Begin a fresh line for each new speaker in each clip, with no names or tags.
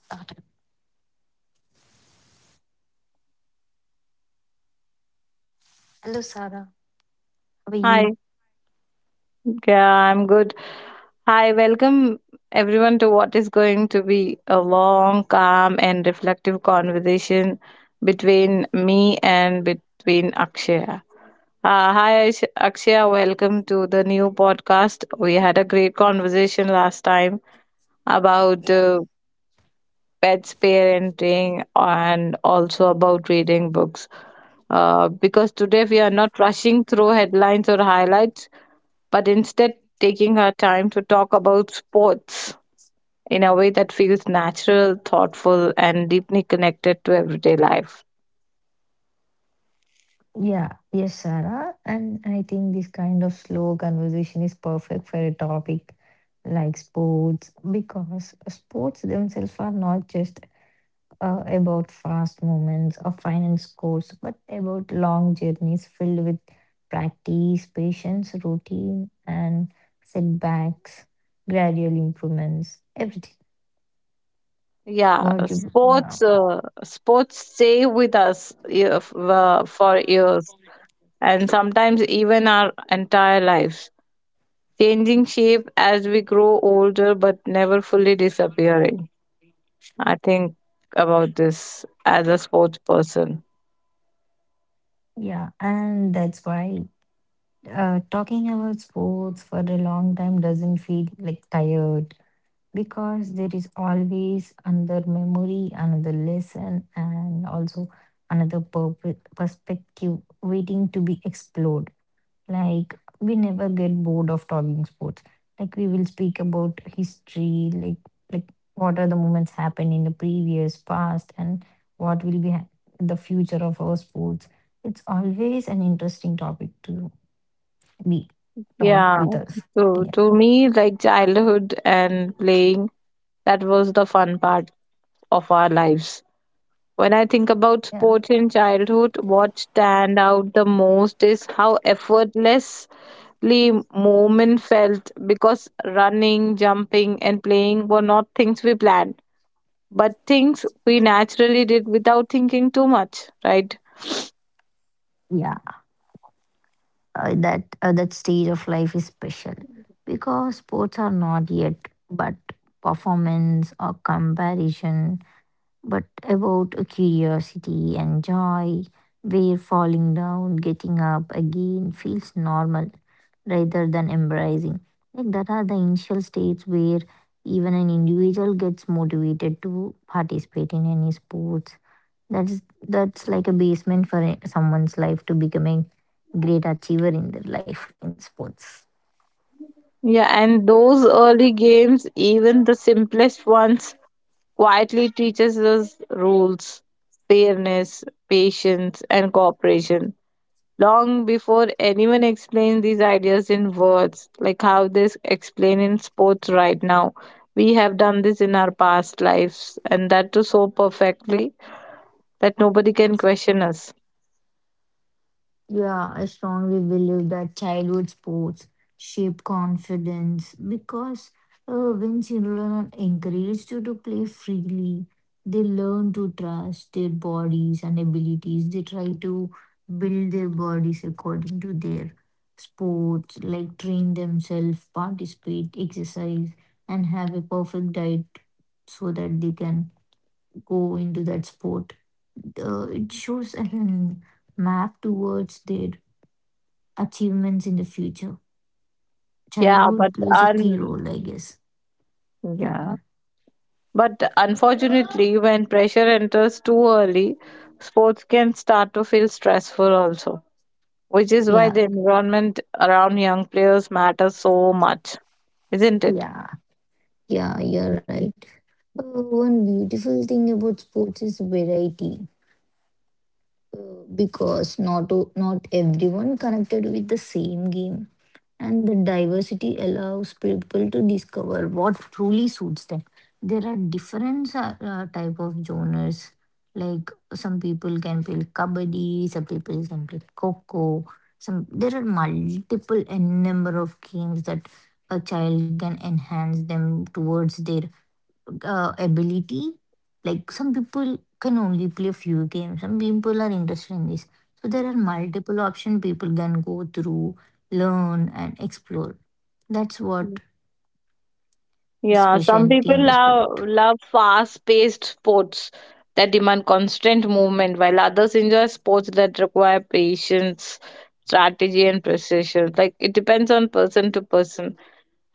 Started. Hello, Sarah. How are you?
Hi, yeah, I'm good. Hi, welcome everyone to what is going to be a long, calm, and reflective conversation between me and between Akshaya. Hi, Akshaya, welcome to the new podcast. We had a great conversation last time about
Yeah.
pets parenting and also about reading books. Because today we are not rushing through headlines or highlights but instead taking her time to talk about sports in a way that feels natural, thoughtful, and deeply connected to everyday life.
Yeah, yes, Sarah. And I think this kind of slow conversation is perfect for a topic like sports, because sports themselves are not just about fast moments or final scores, but about long journeys filled with practice, patience, routine, and setbacks, gradual improvements, everything.
Yeah,
What you, yeah,
sports,
yeah,
sports stay with us for years and sometimes even our entire lives. Changing shape as we grow older but never fully disappearing. I think about this as a sports person.
yeah, and that's why. Talking about sports for a long time doesn't feel like tired, because there is always another memory, another lesson, and also another perspective waiting to be explored. Like, we never get bored of talking sports. Like, we will speak about history, like, what are the moments happened in the previous past, and what will be the future of our sports. It's always an interesting topic too be talked
Yeah,
with us.
so
Yeah,
to me, like childhood and playing, that was the fun part of our lives. When I think about
yeah,
sports in childhood, what stand out the most is how effortlessly movement felt because running, jumping, and playing were not things we planned but things we naturally did without thinking too much, right?
yeah. That stage of life is special because sports are not yet but performance or comparison, but about a curiosity and joy. Where falling down, getting up again feels normal rather than embarrassing. Like that are the initial states where even an individual gets motivated to participate in any sports. That's that's like a basement for someone's life to becoming a great achiever in their life in sports.
Yeah, and those early games, even the simplest ones, quietly teaches us rules, fairness, patience, and cooperation. Long before anyone explained these ideas in words, like how they explain in sports right now, we have done this in our past lives, and that too so perfectly that nobody can question us.
Yeah, I strongly believe that childhood sports shape confidence, because when children are encouraged to play freely, they learn to trust their bodies and abilities. They try to build their bodies according to their sports, like train themselves, participate, exercise, and have a perfect diet so that they can go into that sport. It shows an map towards their achievements in the future.
Yeah, but
Childhood plays a key
un-
role, I guess. Yeah,
yeah. But unfortunately, when pressure enters too early, sports can start to feel stressful also, which is why the
yeah,
environment around young players matters so much, isn't it?
yeah, yeah, you're right. One beautiful thing about sports is variety, because not not everyone connected with the same game, and the diversity allows people to discover what truly suits them. There are different type of genres, like some people can play kabaddi, some people can play coco, some there are multiple and number of games that a child can enhance them towards their ability. Like some people can only play a few games. Some people are interested in this. So there are multiple options people can go through, learn and explore. That's
Mm.
what the
Yeah, some
specialty
people
in the
love,
sport.
love fast-paced sports that demand constant movement, while others enjoy sports that require patience, strategy, and precision. Like it depends on person to person.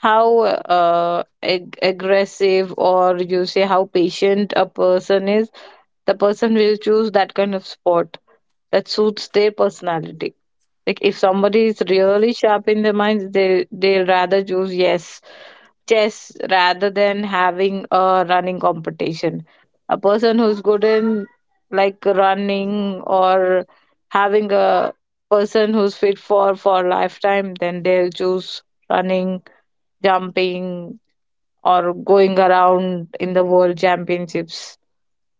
How aggressive or you say how patient a person is, the person will choose that kind of sport that suits their personality. Like if somebody is really sharp in their minds, they'll rather choose yes, chess, rather than having a running competition. A person who's good in like running or having a person who's fit for lifetime, then they'll choose running, jumping, or going around in the world championships.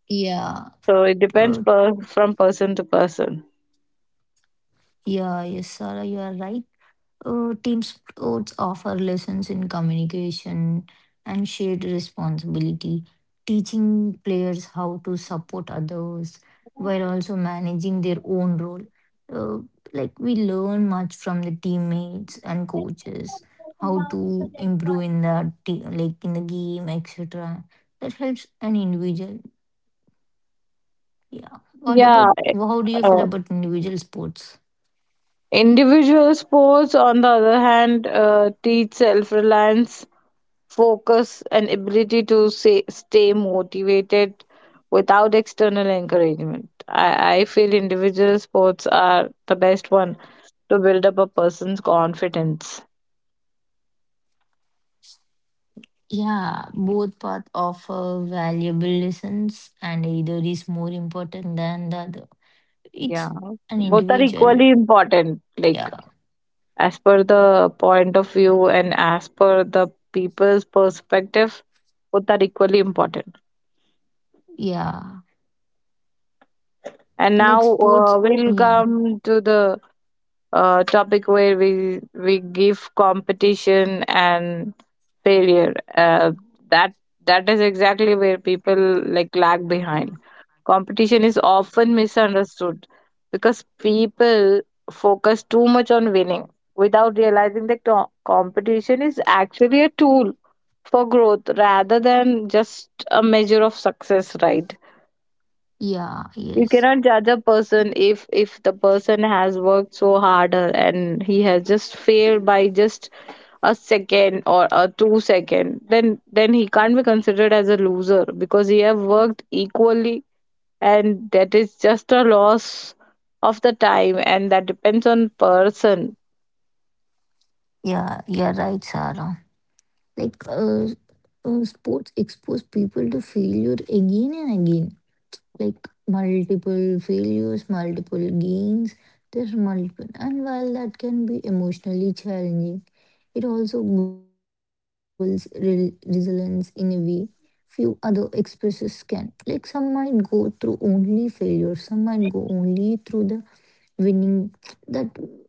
Yeah.
So it depends
Uh,
per, from person to person.
yeah. Yes, Sarah, you are right. Team sports offer lessons in communication and shared responsibility, teaching players how to support others while also managing their own role. Uh, like we learn much from the teammates and coaches, how to improve in the like in the game, etc. That helps an individual. Yeah. What
Yeah,
about, how do you feel
uh,
about individual sports?
individual sports, on the other hand, teach self reliance, focus, and ability to say, stay motivated without external encouragement. I feel individual sports are the best one to build up a person's confidence.
Yeah, both paths offer valuable lessons, and either is more important than the other.
Yeah,
It's an
both are
individual.
equally important, like
Yeah,
as per the point of view and as per the people's perspective, both are equally important.
yeah.
And now
Like sports.
we'll
Yeah,
come to the topic where we give competition and failure. That that is exactly where people like lag behind. Competition is often misunderstood because people focus too much on winning without realizing that competition is actually a tool for growth rather than just a measure of success. Right,
yeah,
you
yes.
cannot judge a person if the person has worked so harder and he has just failed by just a second or a 2 second, then he can't be considered as a loser because he have worked equally and that is just a loss of the time and that depends on person.
Yeah, you're right, Sarah. Like, sports expose people to failure again and again. Like multiple failures, multiple gains. There's multiple, and while that can be emotionally challenging, it also builds resilience in a way few other expresses can. Like some might go through only failure, some might go only through the winning. That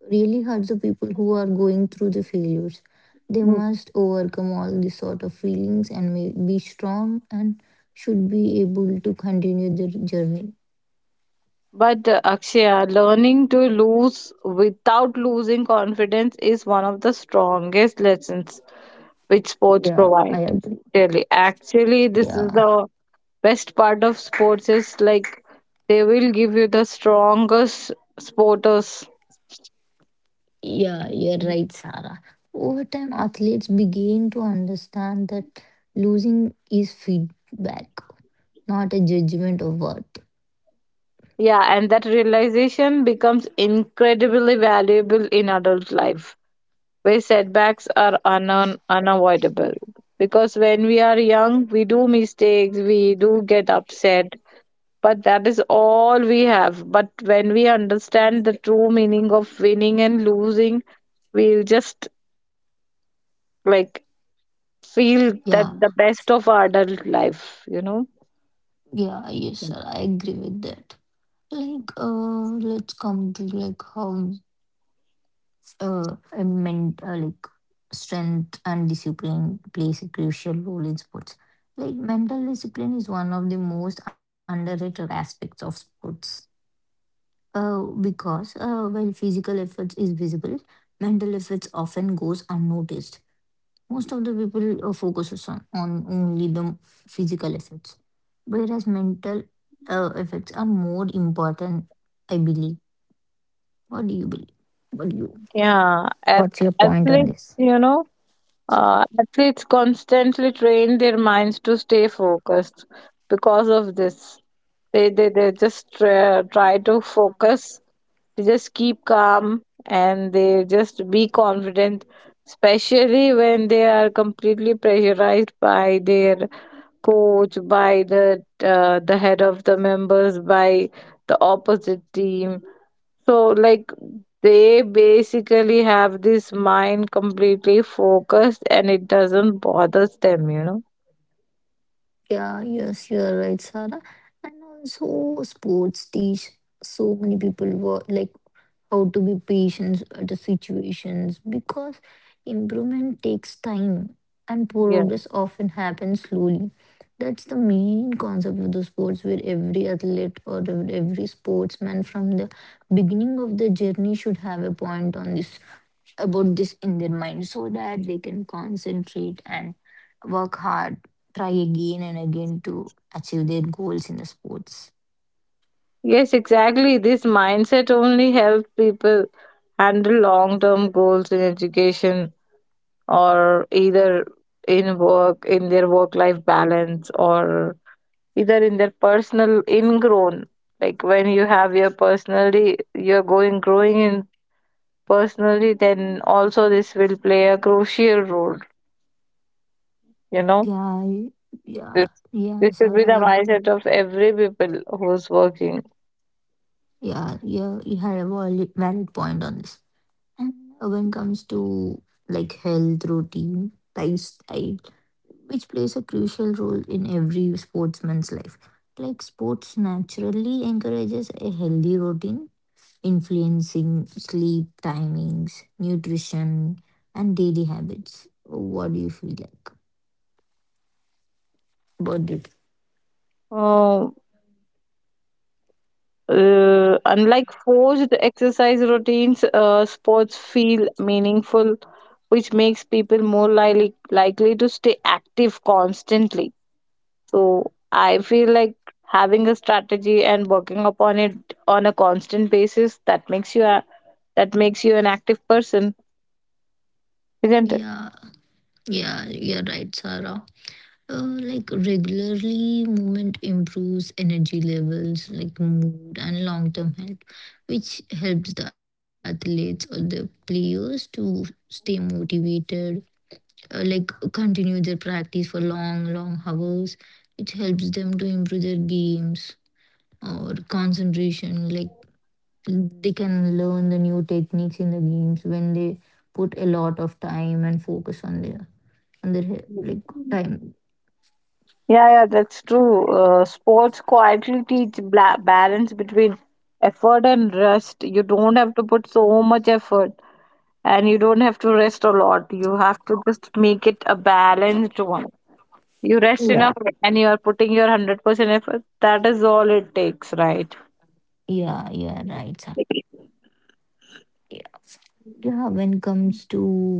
really hurts the people who are going through the failures. They must overcome all these sort of feelings and be strong and should be able to continue their journey.
But Akshaya, learning to lose without losing confidence is one of the strongest lessons which
Yeah,
sports
I
provide.
agree.
Really, actually, this
Yeah,
is the best part of sports is like they will give you the strongest sporters.
yeah, you're right, Sarah. Over time, athletes begin to understand that losing is feedback, not a judgment of worth.
Yeah, and that realization becomes incredibly valuable in adult life, where setbacks are unan unavoidable. Because when we are young, we do mistakes, we do get upset, but that is all we have. But when we understand the true meaning of winning and losing, we'll just like feel that
Yeah,
the best of our adult life, you know?
yeah, yes, sir. I agree with that. Like, let's come to like how like strength and discipline plays a crucial role in sports. Like, mental discipline is one of the most underrated aspects of sports. Because while physical effort is visible, mental efforts often goes unnoticed. Most of the people focuses on only the physical effects, whereas mental effects are more important. I believe. What do you believe? What do you?
Yeah, at
What's your point on
athletes,
this?
you know, athletes constantly train their minds to stay focused because of this. They just try to focus, they just keep calm and they just be confident, especially when they are completely pressurized by their coach, by the head of the members, by the opposite team, so, like, they basically have this mind completely focused and it doesn't bother them, you know?
Yeah, yes, you're right, Sarah. And also, sports teach so many people what, like how to be patient at the situations, because improvement takes time and
Yeah.
progress often happens slowly. That's the main concept of the sports, where every athlete or every sportsman from the beginning of the journey should have a point on this about this in their mind, so that they can concentrate and work hard, try again and again to achieve their goals in the sports.
Yes, exactly. This mindset only helps people handle long term goals in education or either in work, in their work life balance, or either in their personal ingrown. Like when you have your personally, you're going growing in personally, then also this will play a crucial role, you know,
Yeah, I- yeah,
this this
yeah,
should be
Sarah.
the
I,
mindset of every people who's working.
yeah, yeah, you have a valid point on this. And when it comes to like health routine, lifestyle, which plays a crucial role in every sportsman's life. Like sports naturally encourages a healthy routine, influencing sleep timings, nutrition, and daily habits. What do you feel like about it?
uh, Unlike forced exercise routines, sports feel meaningful which makes people more likely to stay active constantly. So I feel like having a strategy and working upon it on a constant basis, that makes you an active person, isn't
Yeah, yeah, you're right, Sarah. Like regularly, movement improves energy levels, like mood and long term health, which helps the athletes or the players to stay motivated, like continue their practice for long, long hours, which helps them to improve their games or concentration. Like they can learn the new techniques in the games when they put a lot of time and focus on their
it?
like time.
Yeah, yeah, that's true. Sports quietly teach balance between effort and rest. You don't have to put so much effort and you don't have to rest a lot. You have to just make it a balanced one. You rest
Yeah.
enough and you are putting your 100% effort. That is all it takes, right?
Yeah, yeah, right, sir.
Yeah.
Yeah. Yeah, when comes to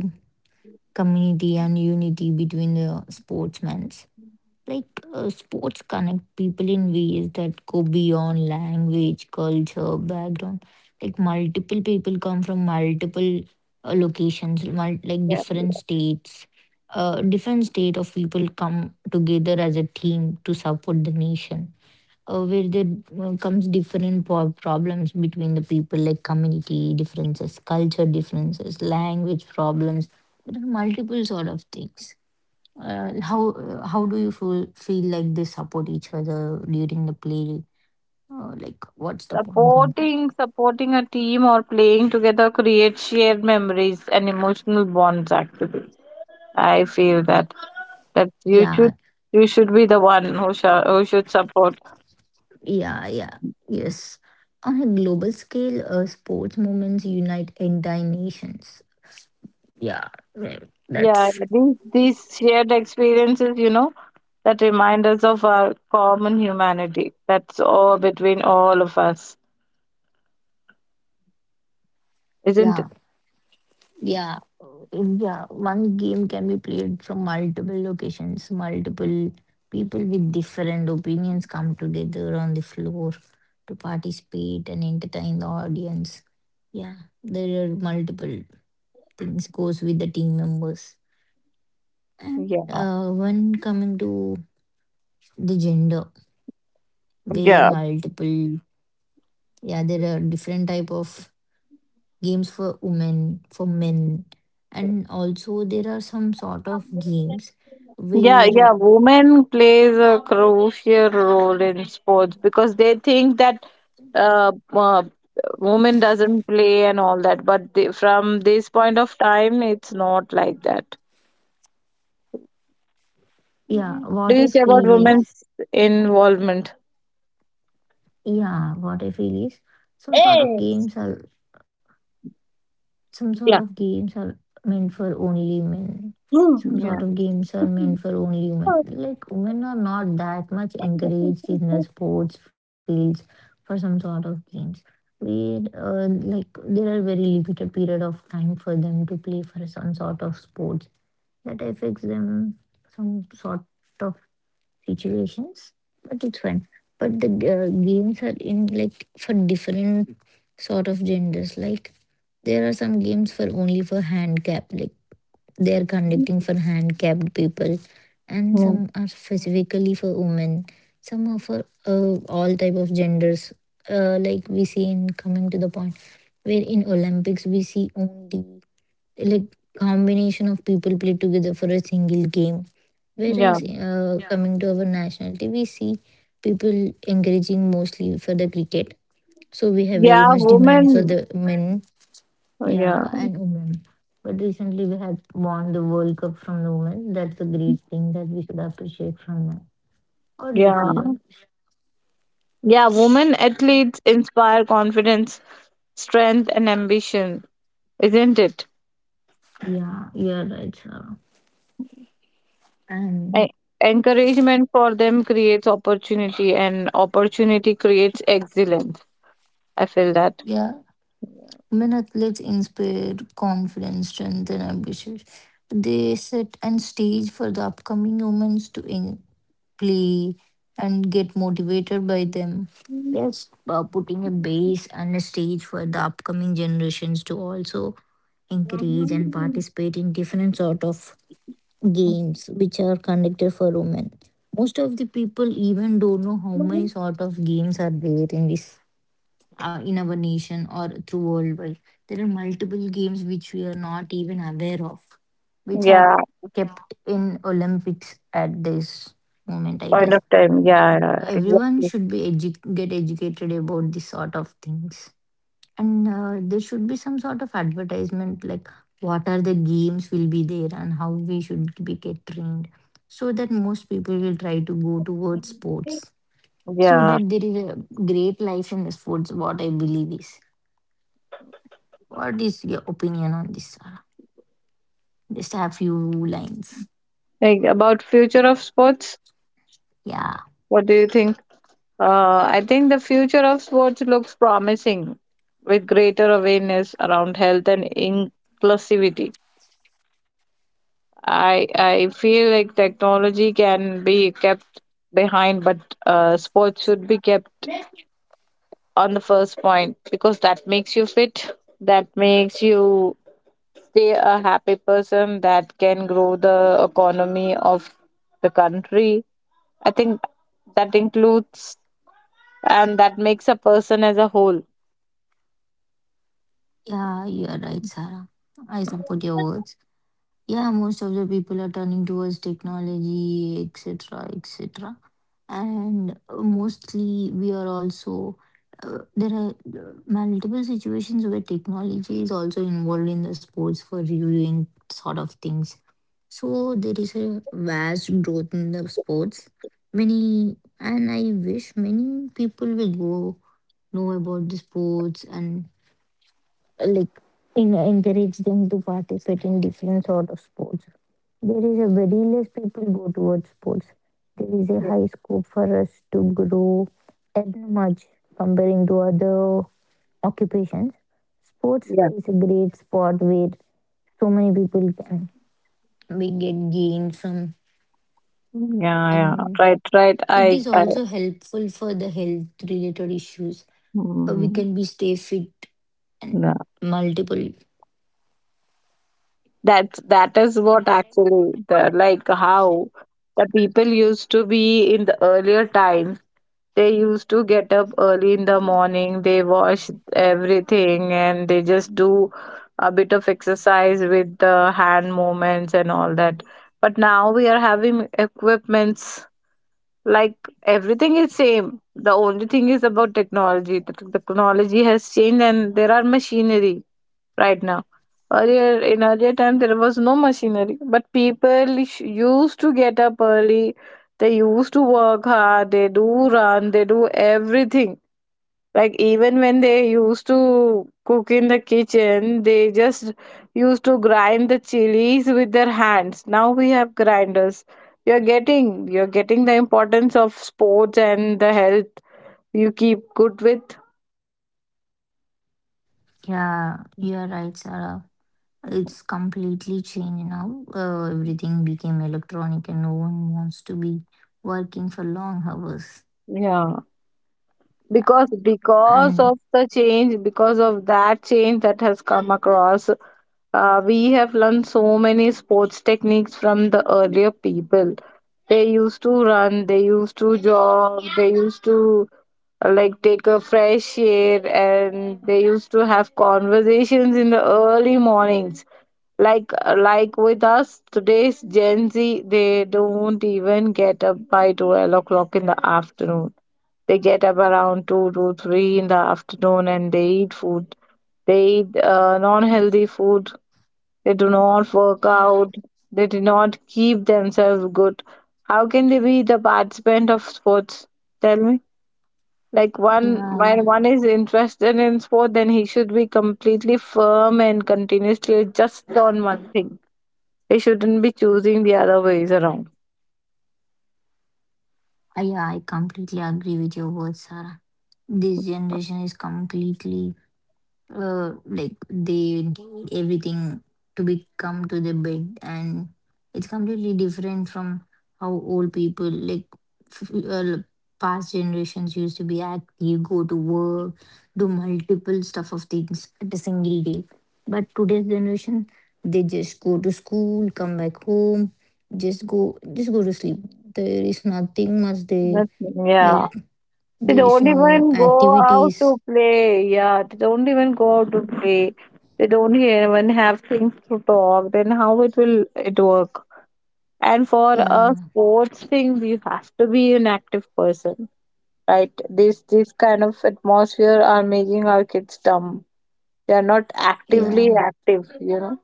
community and unity between the sportsmen, like sports connect people in ways that go beyond language, culture, background. Like multiple people come from multiple locations, like
Yeah.
different states. Different state of people come together as a team to support the nation, where there comes different problems between the people, like community differences, culture differences, language problems. There are multiple sort of things. How do you feel like they support each other during the play, like what's the point on that?
Supporting a team or playing together creates shared memories and emotional bonds actually. I feel that that you
Yeah,
should you should be the one who should support.
yeah, yeah, yes. On a global scale, sports movements unite entire nations. Yeah, well,
Yeah,
that's,
these shared experiences, you know, that remind us of our common humanity. That's all between all of us, isn't
yeah.
it?
Yeah, yeah. One game can be played from multiple locations. Multiple people with different opinions come together on the floor to participate and entertain the audience. Yeah, there are multiple things goes with the team members. And
Yeah,
when coming to the gender, where
yeah.
multiple, yeah, there are different type of games for women, for men, and also there are some sort of games
Yeah, yeah,
where,
women plays a crucial role in sports because they think that uh, uh, women doesn't play and all that, but they, from this point of time, it's not like that.
yeah,
Do
what I
you say about
feel is,
women's involvement?
yeah, what I feel is, some sort of
Yes.
games are some sort of
Yeah.
games are meant for only men,
Mm.
some sort
Yeah.
of games are meant for only women. Like women are not that much encouraged in the sports fields for some sort of games. We, like there are very limited period of time for them to play for some sort of sports. That affects them some sort of situations, but it's fine. But the games are in like for different sort of genders. Like there are some games for only for handicapped, like they are conducting for handicapped people, and
Mm.
some are specifically for women. Some are for all type of genders. Like we see in coming to the point where in Olympics we see only like combination of people play together for a single game. Whereas
Yeah.
coming to our nationality, we see people encouraging mostly for the cricket. So we have very
Yeah,
much demand for
women.
the men,
Yeah.
yeah, and women. But recently we had won the World Cup from the women. That's a great thing that we should appreciate from them. How do you
Yeah.
feel?
Yeah, women athletes inspire confidence, strength and ambition, isn't it?
Yeah, you're right, sir. And
E- Encouragement for them creates opportunity, and opportunity creates excellence. I feel that.
yeah. Women athletes inspire confidence, strength, and ambition. They set and stage for the upcoming humans to play and get motivated by them. Yes, putting a base and a stage for the upcoming generations to also encourage and participate in different sort of games which are conducted for women. Most of the people even don't know how many sort of games are there in this in our nation or through worldwide. There are multiple games which we are not even aware of, which are
Yeah,
kept in Olympics at this moment, I
point of
guess.
time. Yeah, yeah,
Everyone
exactly.
should be get educated about this sort of things. And there should be some sort of advertisement, like what are the games will be there and how we should be get trained, so that most people will try to go towards sports, so
Yeah.
that there is a great life in the sports, what I believe is. What is your opinion on this, Sarah? Just a few lines.
Like about future of sports,
Yeah,
what do you think? I think the future of sports looks promising with greater awareness around health and inclusivity. I feel like technology can be kept behind, but sports should be kept on the first point because that makes you fit. That makes you stay a happy person. That can grow the economy of the country. I think that includes and that makes a person as a whole.
yeah, you're right, Sarah. I support your words. Yeah, most of the people are turning towards technology, etc., etc. And mostly, we are also there are multiple situations where technology is also involved in the sports for reviewing sort of things. So there is a vast growth in the sports. Many and I wish many people will go know about the sports and uh, like encourage them to participate in different sort of sports. There is a very less people go towards sports. There
Yeah,
is a
yeah,
high scope for us to grow earn much comparing to other occupations. Sports
yeah.
is a great sport where so many people can we get gain from
Yeah.
and
Right, right.
it is also helpful for the health related issues. We
Mm,
can be stay fit and
yeah.
multiple.
That that is what actually the like how the people used to be in the earlier times, they used to get up early in the morning, they wash everything and they just do a bit of exercise with the hand movements and all that. But now we are having equipments like everything is same, the only thing is about technology, the technology has changed and there are machinery right now. Earlier in earlier time there was no machinery, but people used to get up early. They used to work hard. They do run. They do everything. Like even when they used to cook in the kitchen, they just used to grind the chilies with their hands. Now we have grinders. You're getting the importance of sports and the health you keep good with.
Yeah, you are right, Sarah. It's completely changed now. Everything became electronic and no one wants to be working for long hours.
Yeah.
Yeah,
Because
and
of the change, because of that change that has come across, we have learned so many sports techniques from the earlier people. They used to run, they used to jog, they used to like take a fresh air and they used to have conversations in the early mornings. Like with us today's gen z, they don't even get up by 12 o'clock in the afternoon. They get up around 2 to 3 in the afternoon and they eat food. They eat non healthy food. They do not work
yeah,
out. They do not keep themselves good. How can they be the participant of sports? Tell me. Like
yeah,
one, when one is interested in sport, then he should be completely firm and continuously just on one thing. He shouldn't be choosing the other ways around.
yeah, I completely agree with your words, Sarah. This generation is completely like they need everything to be come to the bed and it's completely different from how old people like f- uh, past generations used to be active go to work do multiple stuff of things at a single day but today's generation they just go to school come back home just go to sleep there is nothing much they
That's,
like
yeah. They
there is
don't
no
even go out
activities,
to play. Yeah, they don't even go out to play. They don't even have things to talk. Then how it will it work? And for
yeah,
a sports thing, you have to be an active person, right? This kind of atmosphere are making our kids dumb. They are not actively
yeah.
active, you know.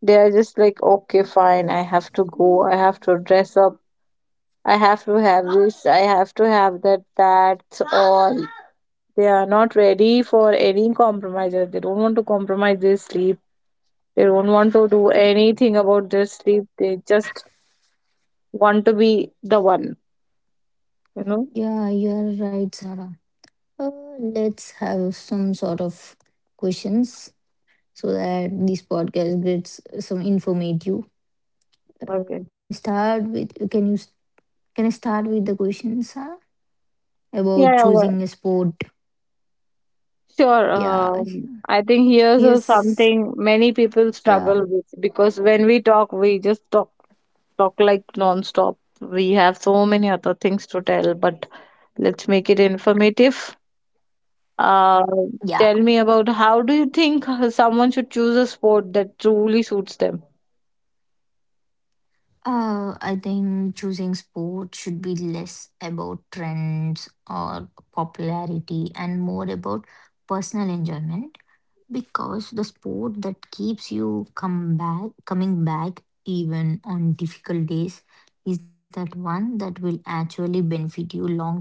They are just like, okay, fine, I have to go. I have to dress up. I have to have this. I have to have that. That's all. They are not ready for any compromises. They don't want to compromise their sleep. They don't want to do anything about their sleep. They just want to be the one, you know?
Yeah, you are right, Sarah. Uh, let's have some sort of questions so that this podcast gets some informative.
Okay.
Can you? Can I start with the questions, Sarah, about
Yeah, yeah, well,
choosing a sport?
sure.
Yeah.
I think here's a
Yes.
something many people
Yeah.
struggle with because when we talk, we just talk like non-stop. We have so many other things to tell, but let's make it informative.
Yeah.
Uh, Tell me about how do you think someone should choose a sport that truly suits them?
I think choosing sport should be less about trends or popularity and more about personal enjoyment. Because the sport that keeps you come back coming back even on difficult days is that one that will actually benefit you long term.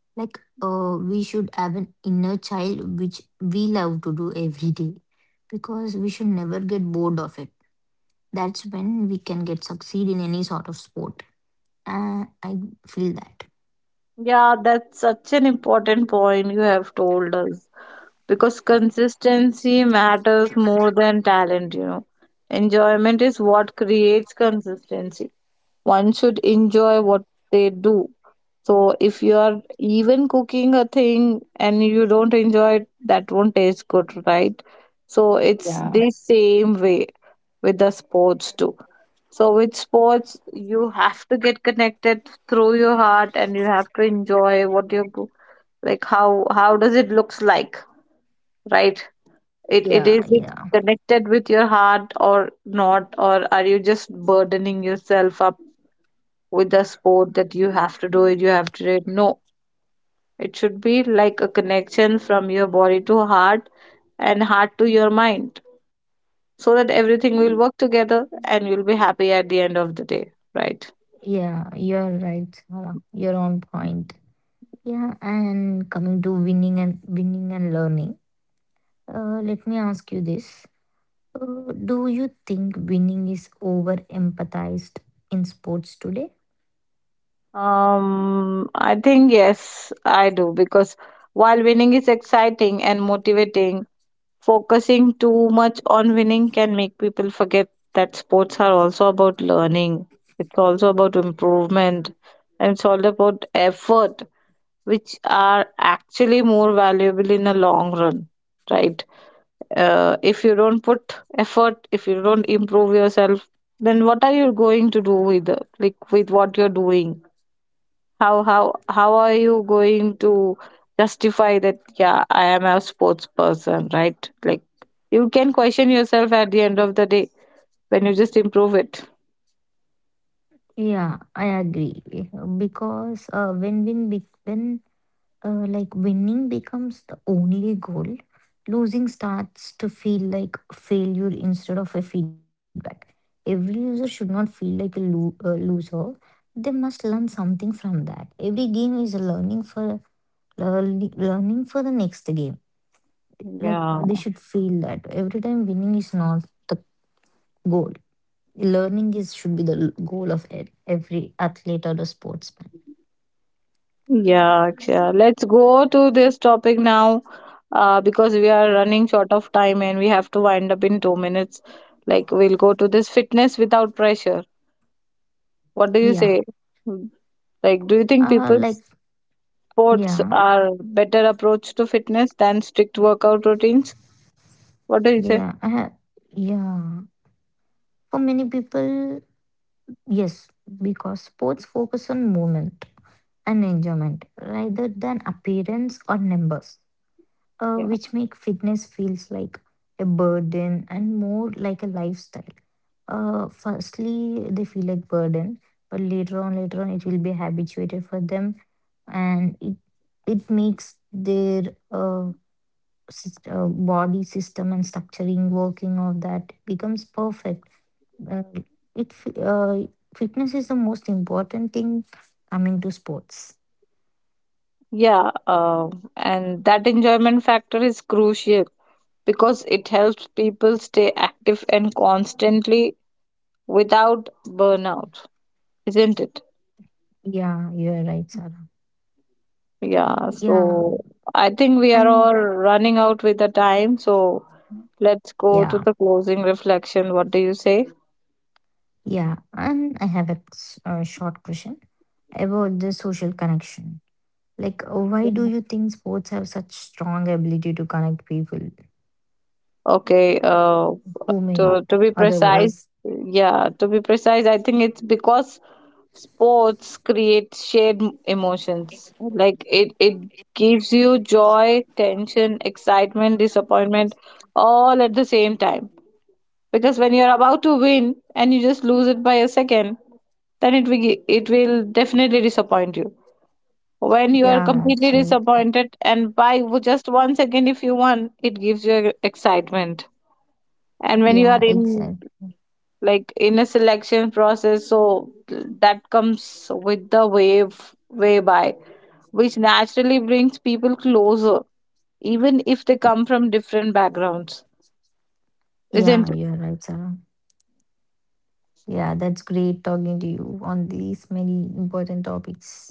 Like we should have an inner child which we love to do every day because we should never get bored of it. That's when we can get succeed in any sort of sport. I feel that.
Yeah, that's such an important point you have told us because consistency matters more than talent, you know. Enjoyment is what creates consistency. One should enjoy what they do. So if you are even cooking a thing and you don't enjoy it, that won't taste good, right? So it's
Yeah.
the same way with the sports too. So with sports, you have to get connected through your heart, and you have to enjoy like. How does it looks like, right? It it
Yeah,
is it
yeah.
connected with your heart or not, or are you just burdening yourself up with the sport that you have to do it, you have to do it? No, it should be like a connection from your body to heart and heart to your mind, so that everything will work together and you'll be happy at the end of the day, right?
Yeah, you're right, Sarah. You're on point. Yeah, and coming to winning and learning, let me ask you this. Do you think winning is over empathized in sports today?
I think yes, I do, because while winning is exciting and motivating, focusing too much on winning can make people forget that sports are also about learning. It's also about improvement, and it's all about effort, which are actually more valuable in the long run, right? If you don't put effort, if you don't improve yourself, then what are you going to do like with what you're doing? How are you going to justify that, yeah, I am a sports person, right? Like you can question yourself at the end of the day when you just improve it.
Yeah, I agree. Because when like winning becomes the only goal, losing starts to feel like failure instead of a feedback. Every user should not feel like a loser. They must learn something from that. Every game is a learning for learning for the next game. Like
yeah
they should feel that every time winning is not the goal. Learning is should be the goal of every athlete or the sportsman.
yeah yeah Let's go to this topic now, because we are running short of time and we have to wind up in 2 minutes. Like we'll go to this fitness without pressure. What do you
Yeah.
say? Mm, like do you think
Uh, like
people's sports
yeah,
are better approach to fitness than strict workout routines? What do you
yeah,
say?
I have, yeah. For many people, yes, because sports focus on movement and enjoyment rather than appearance or numbers. uh,
Yeah.
which make fitness feels like a burden and more like a lifestyle. Firstly, they feel like burden, but later on, it will be habituated for them, and it makes their body system and structuring working of that becomes perfect. Uh, it f- uh, Fitness is the most important thing coming to sports.
Yeah. And that enjoyment factor is crucial because it helps people stay active and constantly without burnout, isn't it?
Yeah, you are right, Sarah.
Yeah.
Yeah,
So I think we are
and
all running out with the time. So let's go to
yeah.
the closing reflection. What do you say?
Yeah, and I have a, a short question about the social connection. Like, why do you think sports have such strong ability to connect people
Okay.
who may
To be
otherwise?
precise, yeah, to be precise, I think it's because sports create shared emotions. Like it gives you joy, tension, excitement, disappointment, all at the same time. Because when you're about to win and you just lose it by a second, then it will definitely disappoint you. When you are
Yeah,
completely
absolutely.
disappointed and just 1 second if you won, it gives you, e, excitement. And when you
Yeah,
are in
exactly.
like in a selection process, so that comes with the wave way by which naturally brings people closer even if they come from different backgrounds,
Yeah,
isn't it?
you're right, Sarah. Yeah, that's great talking to you on these many important topics.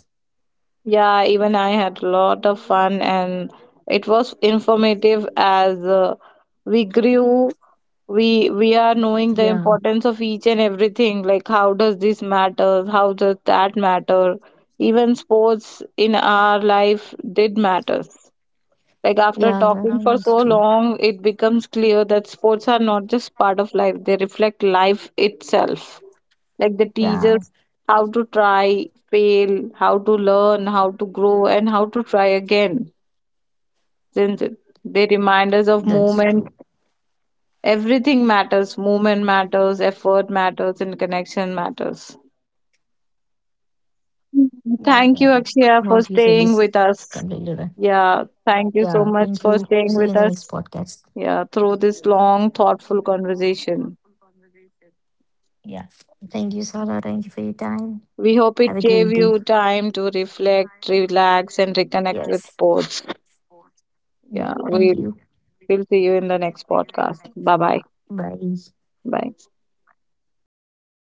Yeah, even I had a lot of fun, and it was informative as, we grew we are knowing the
Yeah,
importance of each and everything, like how does this matter, how does that matter. Even sports in our life did matter. Like after
yeah, Sarah,
talking for
that's
so
true.
long, it becomes clear that sports are not just part of life, they reflect life itself. Like they teach
Yeah,
us how to try, fail, how to learn, how to grow, and how to try again. Since it- they remind us of
that's true.
movement, everything matters. Movement matters, effort matters, and connection matters.
Yeah, Sarah. What you
Thank
said
you,
is
Akshaya, for
completely
staying
right.
with us.
Yeah,
Yeah,
thank
thank
you.
you so
See you in
much
the
for
next
staying with
podcast.
us, yeah, through this long, thoughtful conversation.
Yeah. Thank you, Sarah. Thank you for your time. Have
We
a
hope
great
it
day.
gave you time to reflect, relax, and
Yes.
reconnect with sports.
Yeah.
Yeah,
Thank
we'll,
you.
we'll see you in the next podcast. Bye-bye.
Bye.
Bye. Bye.